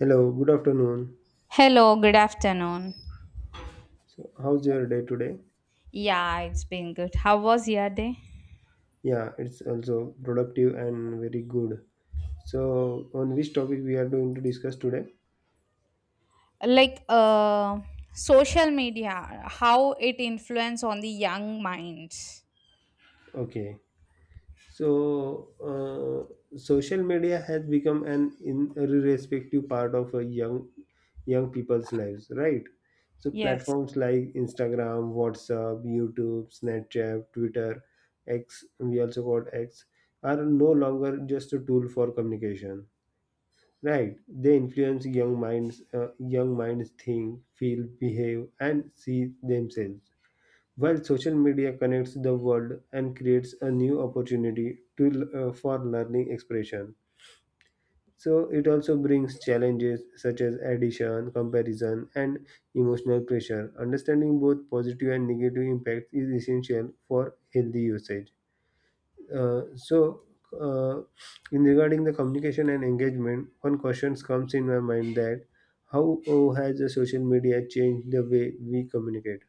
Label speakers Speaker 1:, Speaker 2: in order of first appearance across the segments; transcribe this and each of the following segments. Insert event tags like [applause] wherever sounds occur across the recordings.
Speaker 1: Hello, good afternoon.
Speaker 2: Hello, good afternoon.
Speaker 1: So, how's your day today?
Speaker 2: Yeah, it's been good. How was your day?
Speaker 1: Yeah, it's also productive and very good. So, on which topic we are going to discuss today?
Speaker 2: Like social media, how it influence on the young minds.
Speaker 1: Okay. So, social media has become an irrespective part of a young people's lives, right? So,
Speaker 2: Yes.
Speaker 1: platforms like Instagram, WhatsApp, YouTube, Snapchat, Twitter, X, we also got X, are no longer just a tool for communication. Right. They influence young minds think, feel, behave, and see themselves. While social media connects the world and creates a new opportunity to for learning expression. So it also brings challenges such as addition, comparison, and emotional pressure. Understanding both positive and negative impacts is essential for healthy usage. Uh, so, uh, in regarding the communication and engagement, one question comes in my mind that how has the social media changed the way we communicate?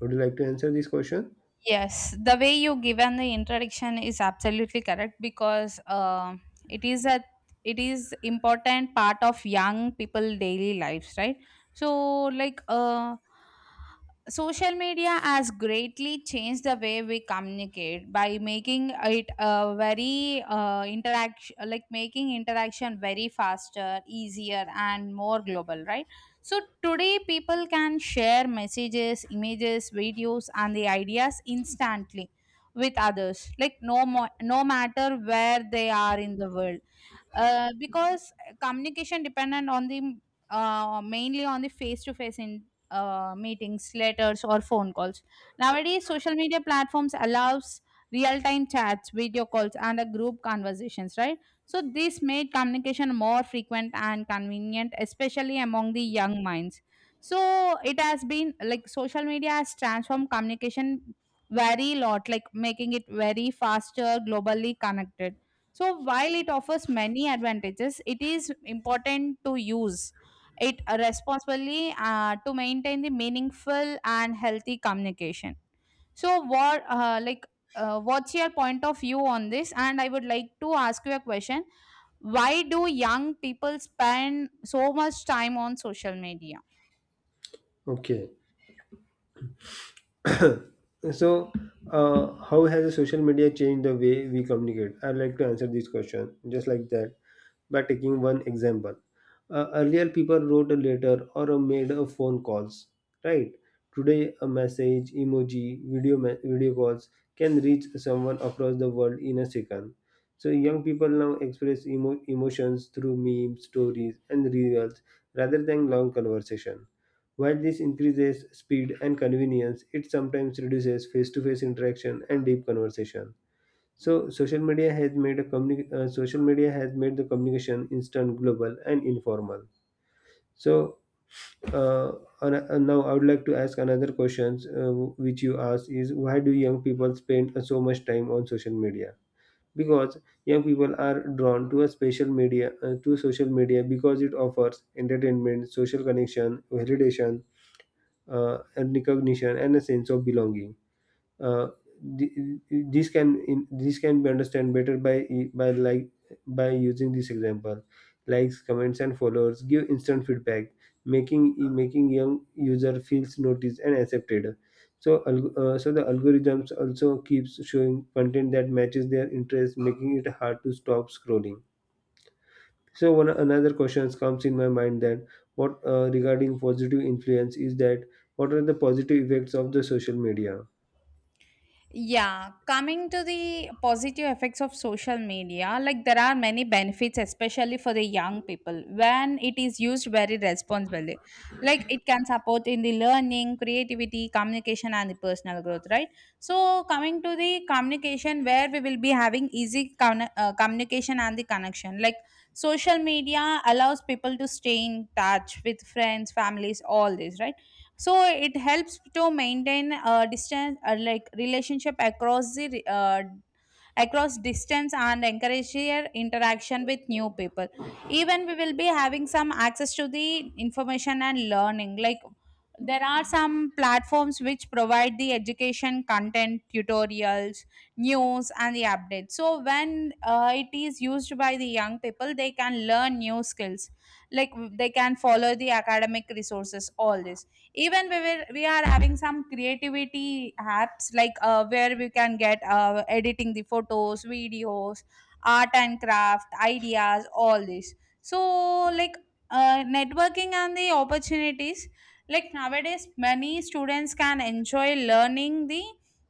Speaker 1: Would you like to answer this question?
Speaker 2: Yes, the way you given the introduction is absolutely correct because it is a it is important part of young people daily lives, right? So like social media has greatly changed the way we communicate by making it a very interaction, like making interaction very faster, easier, and more global, right? So today, people can share messages, images, videos, and the ideas instantly with others, like no matter where they are in the world, because communication dependent on the mainly on the face to face in meetings, letters, or phone calls. Nowadays social media platforms allows real time chats, video calls, and a group conversations, right? So this made communication more frequent and convenient, especially among the young minds. So it has been like social media has transformed communication very lot, like making it very faster, globally connected. So, while it offers many advantages, it is important to use it responsibly to maintain the meaningful and healthy communication. So, what what's your point of view on this? And I would like to ask you a question: why do young people spend so much time on social media?
Speaker 1: Okay. [coughs] [clears throat] So, how has the social media changed the way we communicate? I'd like to answer this question just like that, by taking one example. Earlier people wrote a letter or made a phone calls, right? Today a message, emoji, video calls can reach someone across the world in a second. So young people now express emotions through memes, stories and reels rather than long conversation. While this increases speed and convenience, it sometimes reduces face-to-face interaction and deep conversation. So social media has made a social media has made the communication instant, global, and informal. So uh, now I would like to ask another questions which you asked is, why do young people spend so much time on social media? Because young people are drawn to a special media to social media because it offers entertainment, social connection, validation, and recognition, and a sense of belonging. Uh, the- these can in these can be understood better by by like by using this example. Likes, comments and followers give instant feedback, making making young user feels noticed and accepted. So so the algorithms also keeps showing content that matches their interest, making it hard to stop scrolling. So one another question comes in my mind that what regarding positive influence is that, what are the positive effects of the social media?
Speaker 2: Yeah, coming to the positive effects of social media, like there are many benefits, especially for the young people, when it is used very responsibly. Like it can support in the learning, creativity, communication, and the personal growth, right? So, coming to the communication, where we will be having easy communication and the connection. Like social media allows people to stay in touch with friends, families, all this, right? So it helps to maintain a distance, like relationship across the across distance, and encourage your interaction with new people. Even we will be having some access to the information and learning. Like there are some platforms which provide the education content, tutorials, news, and the updates. So when it is used by the young people, they can learn new skills, like they can follow the academic resources, all this. Even we are having some creativity apps like where we can get editing the photos, videos, art and craft ideas, all this. So like networking and the opportunities, like nowadays many students can enjoy learning the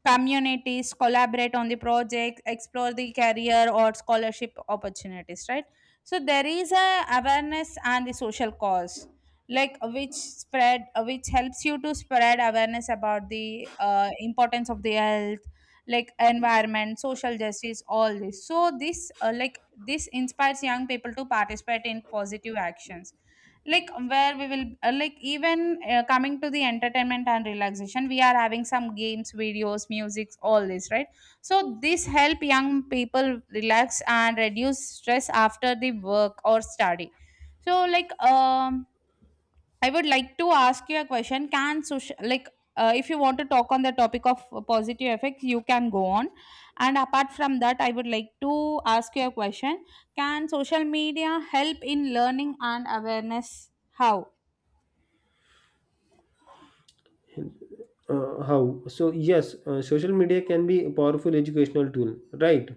Speaker 2: communities, collaborate on the project, explore the career or scholarship opportunities, right? So there is a awareness and the social cause, which spread which helps you to spread awareness about the importance of the health, like environment, social justice, all this. So this inspires young people to participate in positive actions. Like where we will like even Coming to the entertainment and relaxation, we are having some games, videos, musics, all this, right? So this help young people relax and reduce stress after the work or study. So I would like to ask you a question. Can social, if you want to talk on the topic of positive effects, you can go on. And apart from that, I would like to ask you a question. Can social media help in learning and awareness? How?
Speaker 1: How? So yes, social media can be a powerful educational tool, right?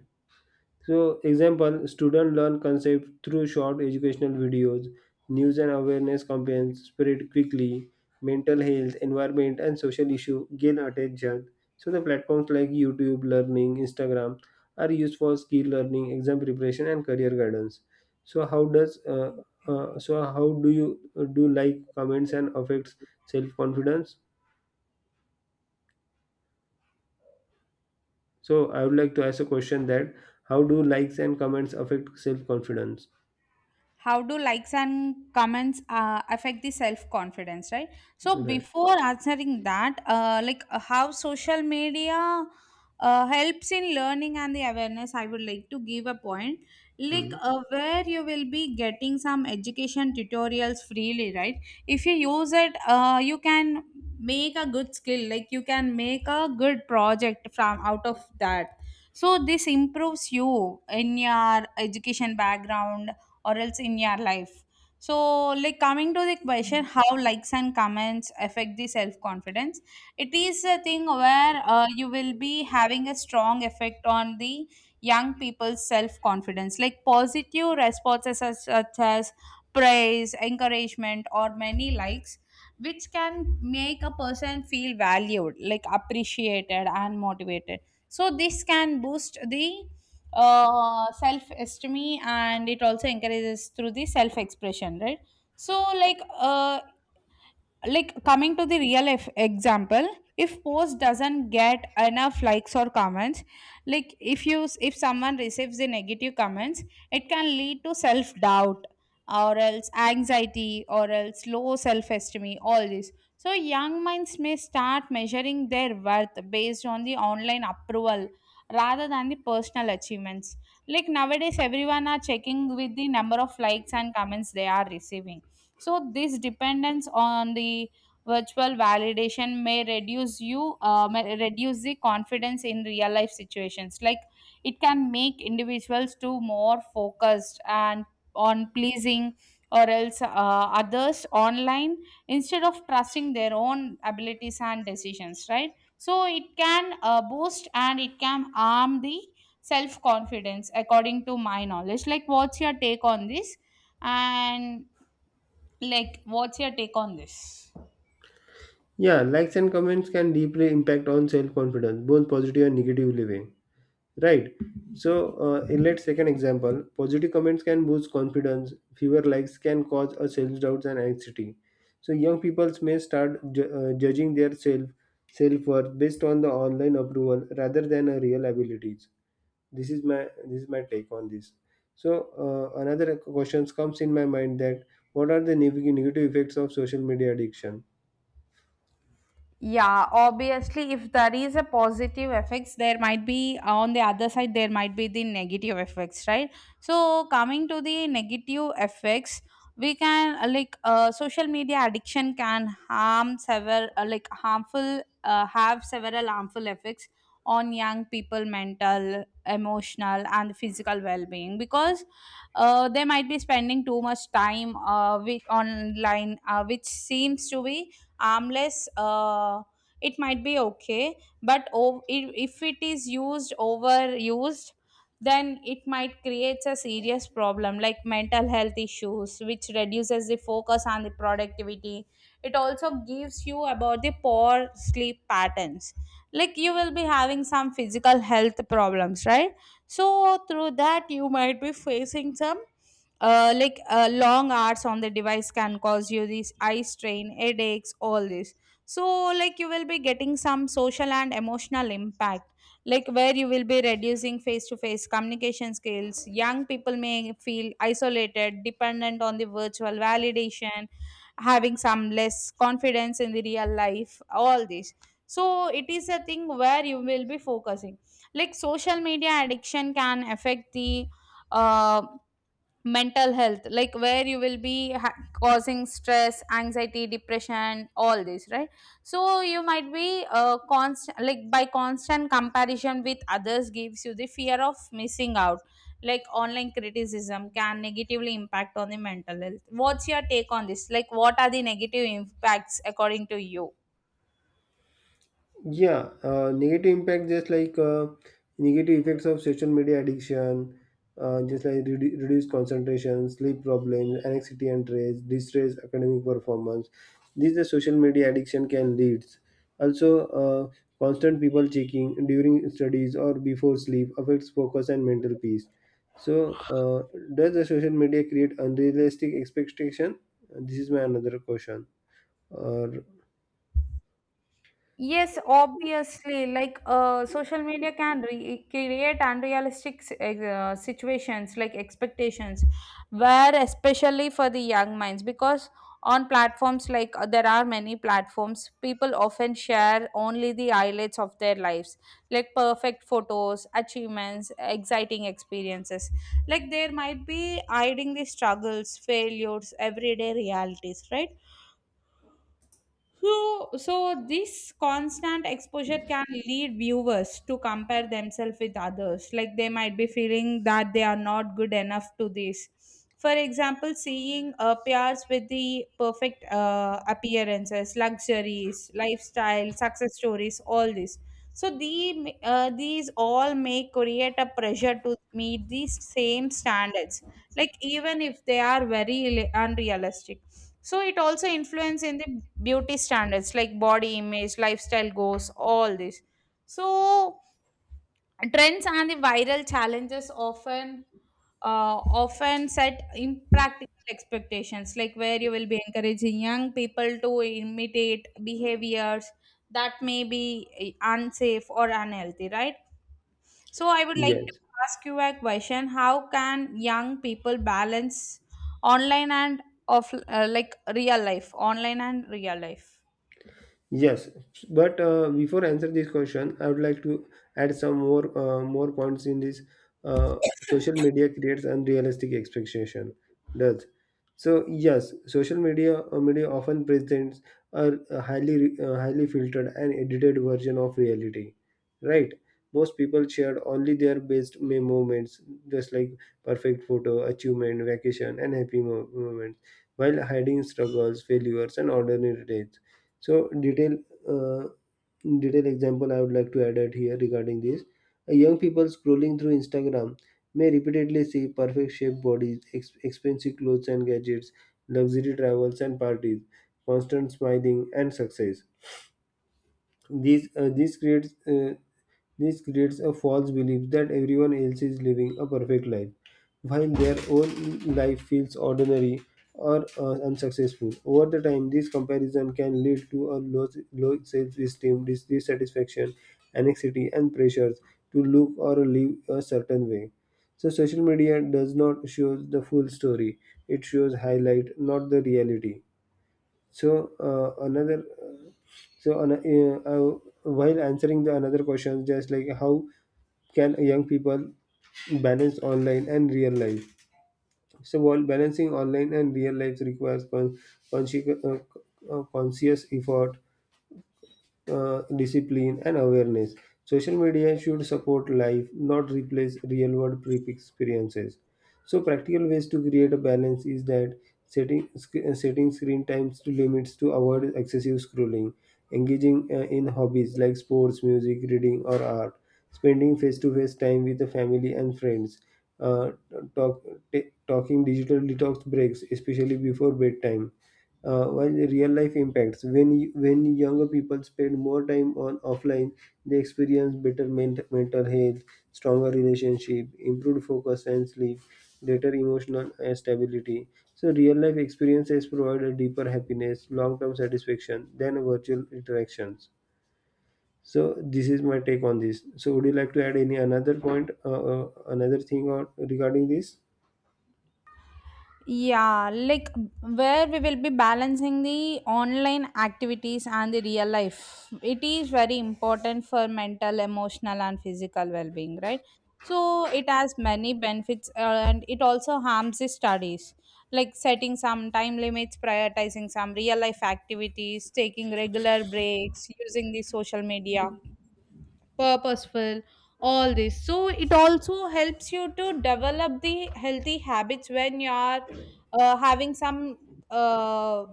Speaker 1: So example, student learn concept through short educational videos, news and awareness campaigns spread quickly, mental health, environment and social issue gain attention. So the platforms like YouTube Learning, Instagram are used for skill learning, exam preparation and career guidance. So how does so how do you do like comments and affects self confidence? So I would like to ask a question that, how do likes and comments affect self confidence?
Speaker 2: How do likes and comments affect the self confidence, right? So
Speaker 1: Right.
Speaker 2: before answering that, how social media helps in learning and the awareness, I would like to give a point, like
Speaker 1: Mhm.
Speaker 2: uh, where you will be getting some education tutorials freely, right? If you use it, you can make a good skill, like you can make a good project from out of that. So this improves you in your education background, or else in your life. So, like coming to the question, how likes and comments affect the self confidence, it is a thing where you will be having a strong effect on the young people's self confidence. Like positive responses such as praise, encouragement, or many likes, which can make a person feel valued, like appreciated and motivated. So this can boost the self esteem, and it also encourages through the self expression, right? So like coming to the real if example, if post doesn't get enough likes or comments, like if someone receives the negative comments, it can lead to self doubt, or else anxiety, or else low self esteem, all this. So young minds may start measuring their worth based on the online approval rather than the personal achievements. Like nowadays everyone are checking with the number of likes and comments they are receiving. So this dependence on the virtual validation may reduce you may reduce the confidence in real life situations. Like it can make individuals to more focused and on pleasing, or else others online, instead of trusting their own abilities and decisions. Right. So it can boost and it can arm the self confidence according to my knowledge. Like what's your take on this? And like, what's your take on this?
Speaker 1: Yeah, likes and comments can deeply impact on self confidence, both positive and negatively way. Right. So in let's take an example. Positive comments can boost confidence. Fewer likes can cause a self doubts and anxiety. So young people may start judging their self worth based on the online approval rather than a real abilities. This is my take on this. So another questions comes in my mind that, what are the negative effects of social media addiction?
Speaker 2: Yeah, obviously, if there is a positive effects, there might be on the other side, there might be the negative effects, right? So, coming to the negative effects, we can like social media addiction can harm several like harmful have several harmful effects on young people mental, emotional, and physical well-being, because they might be spending too much time with online, which seems to be armless. It might be okay, but if it is used overused, then it might create a serious problem, like mental health issues, which reduces the focus and the productivity. It also gives you about the poor sleep patterns, like you will be having some physical health problems, right? So through that you might be facing some, long hours on the device can cause you this eye strain, headaches, all this. So like you will be getting some social and emotional impact, like where you will be reducing face to face communication skills. Young people may feel isolated, dependent on the virtual validation, having some less confidence in the real life, all this. So it is a thing where you will be focusing, like social media addiction can affect the uh, mental health, like where you will be causing stress, anxiety, depression, all this, right? So you might be constant like by constant comparison with others gives you the fear of missing out. Like online criticism can negatively impact on the mental health. What's your take on this? Like what are the negative impacts according to you?
Speaker 1: Yeah, negative impact just like negative effects of social media addiction, just like reduced concentration, sleep problems, anxiety and stress, distress, academic performance. These the social media addiction can lead. Also, constant people checking during studies or before sleep affects focus and mental peace. So, does the social media create unrealistic expectation? This is my another question. Or
Speaker 2: Yes, obviously, social media can create unrealistic situations, like expectations, where especially for the young minds, because on platforms like, there are many platforms, people often share only the highlights of their lives, like perfect photos, achievements, exciting experiences. Like there might be hiding the struggles, failures, everyday realities, right? So this constant exposure can lead viewers to compare themselves with others. Like they might be feeling that they are not good enough to this. For example, seeing peers with the perfect appearances, luxuries, lifestyle, success stories, all this. So these all may create a pressure to meet these same standards, like even if they are very unrealistic. So it also influence in the beauty standards, like body image, lifestyle goals, all this. So trends and the viral challenges often set impractical expectations, like where you will be encouraging young people to imitate behaviors that may be unsafe or unhealthy, right? So I would like to
Speaker 1: yes.
Speaker 2: ask you a question. How can young people balance online and off like real life, online and real life?
Speaker 1: Yes, but before answer this question, I would like to add some more more points in this. Social media creates unrealistic expectation. Does so? Yes, social media media often presents a highly highly filtered and edited version of reality. Right? Most people shared only their best moments, just like perfect photo, achievement, vacation, and happy moments, while hiding struggles, failures, and ordinary days. So detail, uh, detail example I would like to add at here regarding this. A young people scrolling through Instagram may repeatedly see perfect shaped bodies, expensive clothes and gadgets, luxury travels and parties, constant smiling and success. These this creates a false belief that everyone else is living a perfect life, while their own life feels ordinary or unsuccessful. Over the time, this comparison can lead to a low self-esteem, dissatisfaction, anxiety, and pressures to look or live a certain way. So, social media does not show the full story; it shows highlight, not the reality. So so an, uh, uh, while answering the another question, just like, how can young people balance online and real life? So while balancing online and real life requires consci- uh, conscious effort, discipline, and awareness. Social media should support life, not replace real world trip experiences. So, practical ways to create a balance is that setting, setting screen times to limits to avoid excessive scrolling, engaging in hobbies like sports, music, reading, or art, spending face to face time with the family and friends. Uh, talk, talking digital detox breaks, especially before bedtime, while the real life impacts when when younger people spend more time on offline, they experience better mental health, stronger relationship, improved focus and sleep, greater emotional stability. So real life experiences provide a deeper happiness long term satisfaction than virtual interactions. So this is my take on this. So would you like to add any another point another thing or regarding this?
Speaker 2: Yeah, like where we will be balancing the online activities and the real life, it is very important for mental, emotional, and physical well being, right? So it has many benefits, and it also harms the studies, like setting some time limits, prioritizing some real life activities, taking regular breaks, using the social media purposeful, all this. So it also helps you to develop the healthy habits when you are having some uh,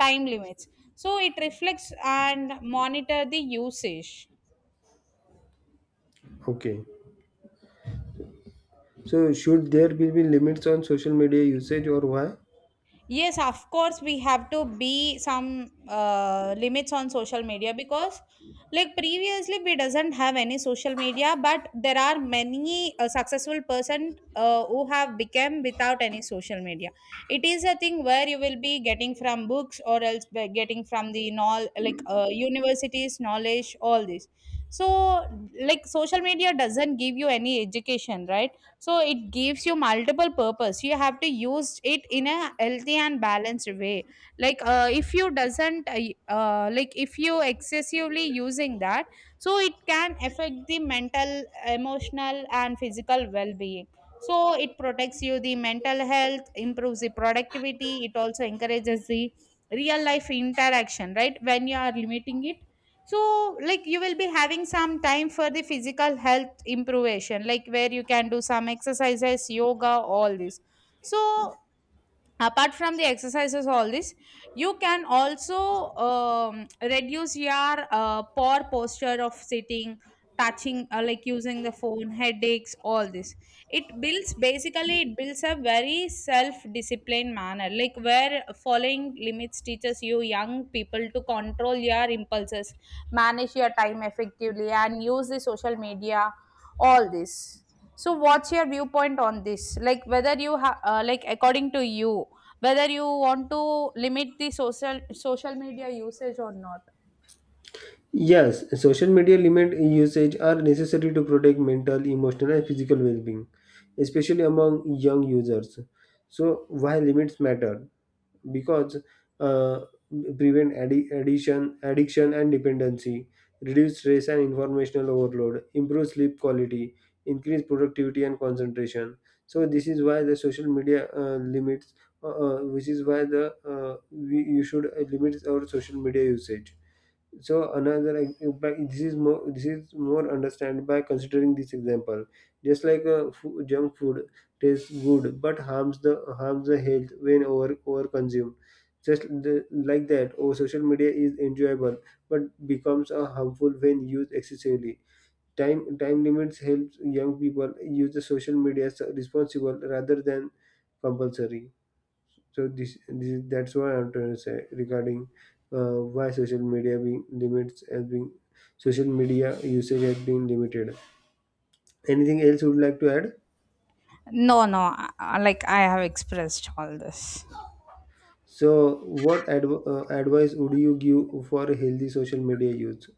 Speaker 2: time limits. So it reflects and monitor the usage.
Speaker 1: Okay. So should there be limits on social media usage or why?
Speaker 2: Yes, of course, we have to be some limits on social media, because like previously, we doesn't have any social media, but there are many successful person who have become without any social media. It is a thing where you will be getting from books, or else by getting from the knowl like universities knowledge, all this. So, like social media doesn't give you any education, right? So it gives you multiple purpose. You have to use it in a healthy and balanced way. Like if you doesn't like if you excessively using that, so it can affect the mental, emotional, and physical well-being. So it protects you the mental health, improves the productivity, it also encourages the real life interaction, right, when you are limiting it. So like you will be having some time for the physical health improvement, like where you can do some exercises, yoga, all this. So apart from the exercises, all this, you can also reduce your poor posture of sitting, touching, like using the phone, headaches, all this. It builds basically it builds a very self disciplined manner, like where following limits teaches you young people to control your impulses, manage your time effectively, and use the social media, all this. So what's your viewpoint on this, like whether you like according to you, whether you want to limit the social media usage or not.
Speaker 1: Yes, social media limit usage are necessary to protect mental, emotional, and physical well being, especially among young users. So, why limits matter? Because uh, prevent addiction addiction and dependency, reduce stress and informational overload, improve sleep quality, increase productivity and concentration. So, this is why the social media limits, which is why the we, you should limit our social media usage. So another but this is more, this is more understand by considering this example. Just like junk food tastes good but harms the health when over consumed. Just the, like that, or social media is enjoyable but becomes a harmful when used excessively. Time limits helps young people use the social media responsible rather than compulsory. So this that's what I want to say regarding why social media being limits has been, social media usage has been limited. Anything else you would like to add?
Speaker 2: No, no, like I have expressed all this.
Speaker 1: So what advice would you give for a healthy social media use?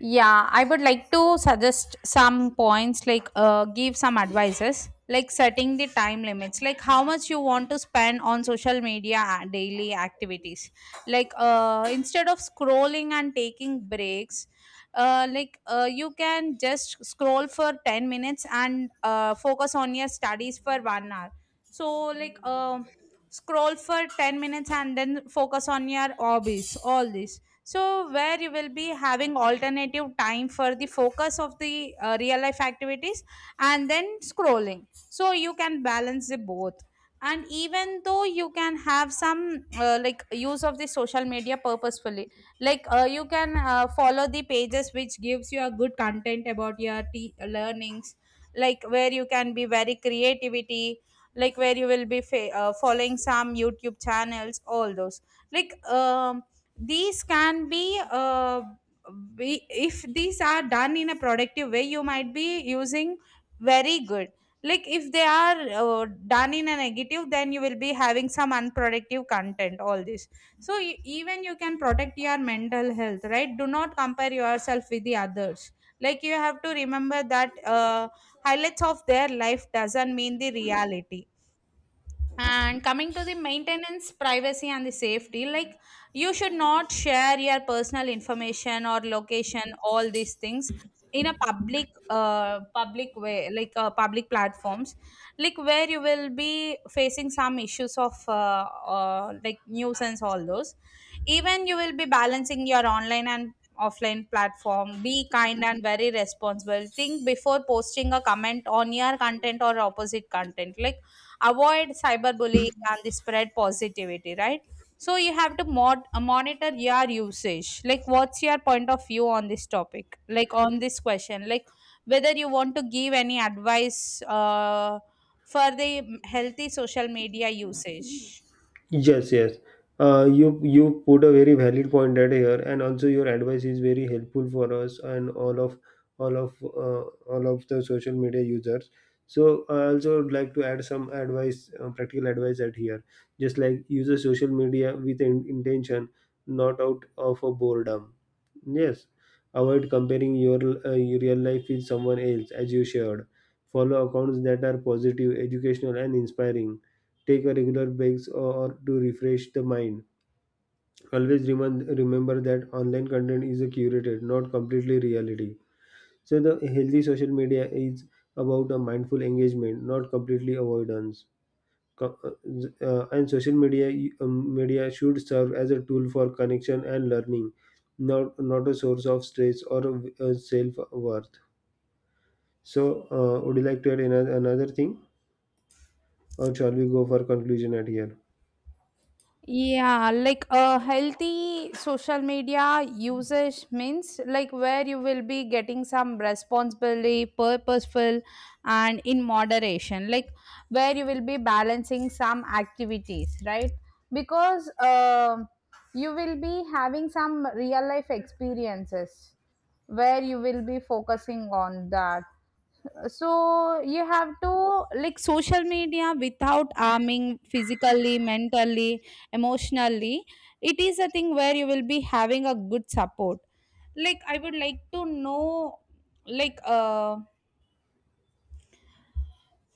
Speaker 2: Yeah, I would like to suggest some points, like give some advices, like setting the time limits, like how much you want to spend on social media daily activities. Like instead of scrolling and taking breaks, like you can just scroll for 10 minutes and focus on your studies for 1 hour. So like scroll for 10 minutes and then focus on your hobbies, all this, so where you will be having alternative time for the focus of the real life activities and then scrolling. So you can balance the both. And even though you can have some like use of the social media purposefully. Like you can follow the pages which gives you a good content about your learnings, like where you can be very creativity, like where you will be following some youtube channels, all those. Like these can be if these are done in a productive way, you might be using very good. Like if they are done in a negative, then you will be having some unproductive content, all this. So even you can protect your mental health, right? Do not compare yourself with the others. Like you have to remember that highlights of their life doesn't mean the reality. And coming to the maintenance, privacy, and the safety, like you should not share your personal information or location, all these things, in a public, public way, like public platforms, like where you will be facing some issues of like nuisance, all those. Even you will be balancing your online and offline platform. Be kind and very responsible. Think before posting a comment on your content or opposite content, like avoid cyberbullying and the spread positivity, right? So you have to monitor your usage. Like, what's your point of view on this topic? Like, on this question, like whether you want to give any advice for the healthy social media usage.
Speaker 1: Yes, yes. You you put a very valid point at here, and also your advice is very helpful for us and all of uh, all of the social media users. So I also would like to add some advice, practical advice at here. Just like use the social media with intention, not out of a boredom. Yes, avoid comparing your real life with someone else, as you shared. Follow accounts that are positive, educational, and inspiring, take a regular breaks or to refresh the mind. Always remember that online content is a curated, not completely reality. So the healthy social media is about a mindful engagement, not completely avoidance. And social media media should serve as a tool for connection and learning, not a source of stress or self worth. So, would you like to add another thing, or shall we go for conclusion at here?
Speaker 2: Yeah, like a healthy social media usage means like where you will be getting some responsibly, purposeful, and in moderation, like where you will be balancing some activities, right? Because you will be having some real life experiences where you will be focusing on that. So you have to like social media without harming physically, mentally, emotionally. It is a thing where you will be having a good support. Like I would like to know, like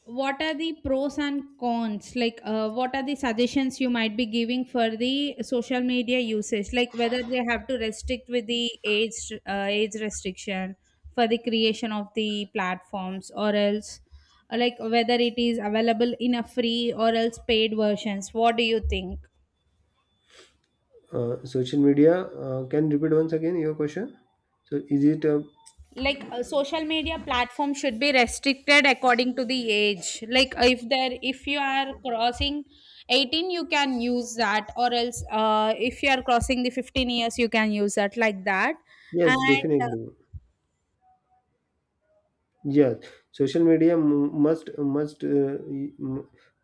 Speaker 2: what are the pros and cons, like what are the suggestions you might be giving for the social media usage, like whether they have to restrict with the age, age restriction for the creation of the platforms, or else like whether it is available in a free or else paid versions. What do you think?
Speaker 1: Social media, can repeat once again your question? So is it,
Speaker 2: Like social media platform should be restricted according to the age. Like if there if you are crossing 18 you can use that, or else if you are crossing the 15 years you can use that, like that.
Speaker 1: yes,
Speaker 2: And
Speaker 1: definitely. Yes, social media mu- must must uh, y-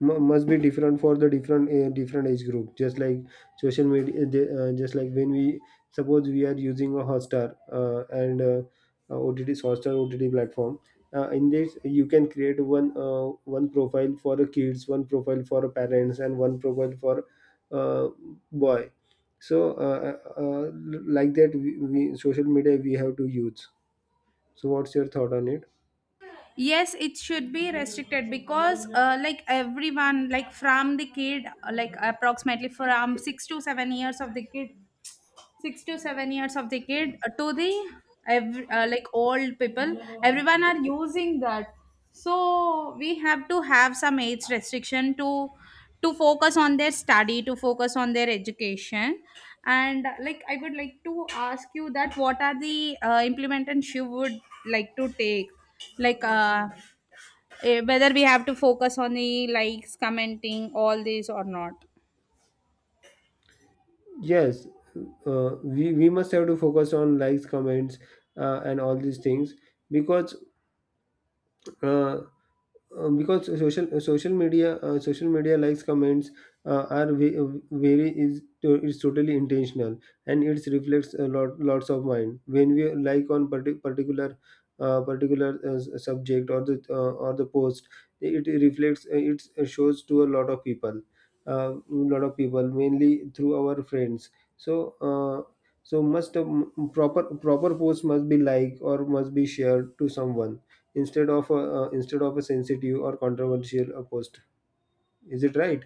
Speaker 1: mu- must be different for the different age group. Just like social media, just like when we suppose we are using a Hotstar and OTT Hotstar OTT platform. In this, you can create one profile for the kids, one profile for parents, and one profile for uh, boy. So like that, we social media we have to use. So what's your thought on it?
Speaker 2: yes, it should be restricted, because like everyone, like from the kid, like approximately from 6 to 7 years of the kid, 6 to 7 years of the kid to the like old people, everyone are using that. So we have to have some age restriction to focus on their study, to focus on their education. And like I would like to ask you that what are the implementations you would like to take, like whether we have to focus on the likes, commenting, all these or not.
Speaker 1: Yes, we must have to focus on likes, comments, and all these things because uh, because social media likes comments uh, are ve- uh, very is is totally intentional and it reflects a lot lots of mind when we like on particular subject or the post. It reflects it shows to a lot of people, uh, lot of people mainly through our friends. So uh, so must proper post must be like or must be shared to someone instead of a sensitive or controversial post, is it right?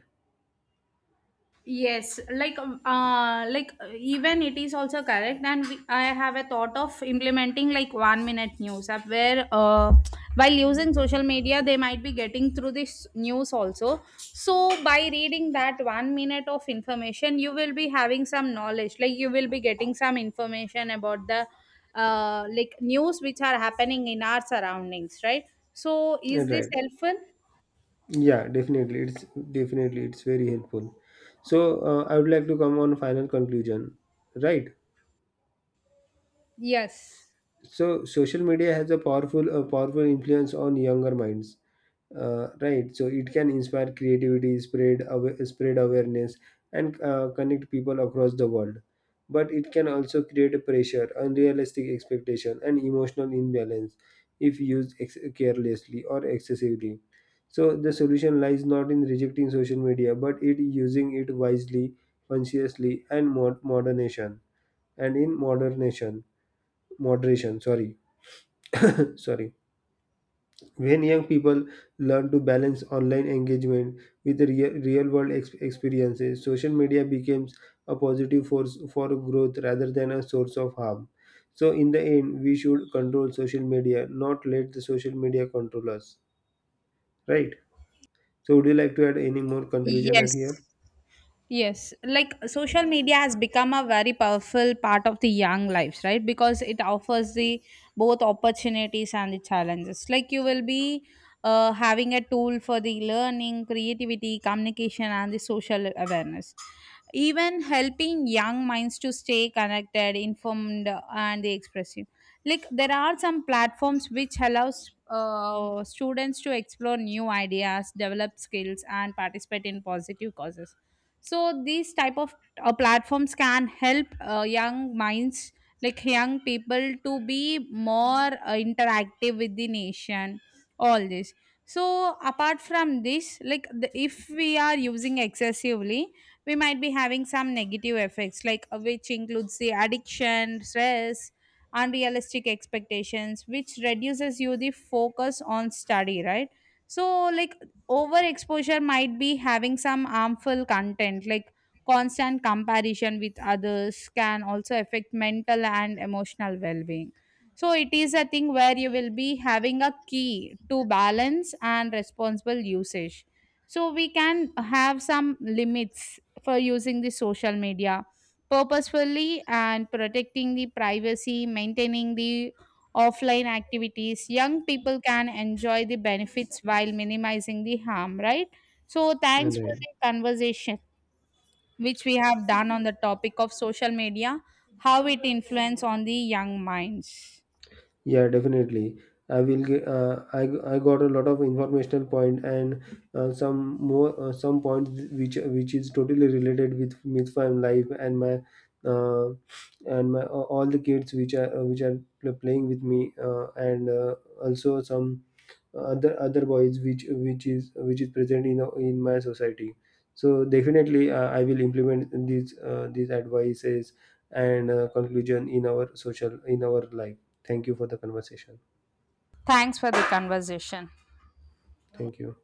Speaker 2: Yes, like even it is also correct, and I have a thought of implementing like 1 minute news app where while using social media they might be getting through this news also. So by reading that 1 minute of information, you will be having some knowledge. Like you will be getting some information about the like news which are happening in our surroundings, right? So is this
Speaker 1: Right.
Speaker 2: helpful?
Speaker 1: Yeah, definitely it's, definitely it's very helpful. So I would like to come on final conclusion, right?
Speaker 2: Yes.
Speaker 1: So social media has a powerful influence on younger minds, right? So it can inspire creativity, spread awareness, and connect people across the world. But it can also create a pressure, unrealistic expectation and emotional imbalance if used carelessly or excessively. So the solution lies not in rejecting social media but it using it wisely, consciously and in moderation, moderation. Sorry. When young people learn to balance online engagement with real world experiences, social media becomes a positive force for growth rather than a source of harm. So in the end, we should control social media, not let the social media control us, right? So would you like to add any more conclusion at
Speaker 2: Yes.
Speaker 1: here?
Speaker 2: Yes, like social media has become a very powerful part of the young lives, right? Because it offers the both opportunities and the challenges. Like you will be having a tool for the learning, creativity, communication, and the social awareness. Even helping young minds to stay connected, informed, and expressive. Like there are some platforms which allows students to explore new ideas, develop skills, and participate in positive causes. So these type of platforms can help young minds, like young people to be more interactive with the nation, all this. So apart from this, like the, if we are using excessively, we might be having some negative effects, like which includes the addiction, stress, unrealistic expectations, which reduces you the focus on study, right? So like overexposure might be having some harmful content, like constant comparison with others can also affect mental and emotional well-being. So it is a thing where you will be having a key to balance and responsible usage. So we can have some limits for using the social media purposefully, and protecting the privacy, maintaining the offline activities, young people can enjoy the benefits while minimizing the harm, right? So thanks for the
Speaker 1: Right.
Speaker 2: conversation which we have done on the topic of social media, how it influence on the young minds.
Speaker 1: Yeah, definitely. I will get. I got a lot of informational point and some points which is totally related with my life and my uh, and my all the kids which are playing with me and also some other boys, which which is present in my society. So definitely I will implement these advices and conclusion in our life. Thank you for the conversation.
Speaker 2: Thanks for the conversation.
Speaker 1: Thank you.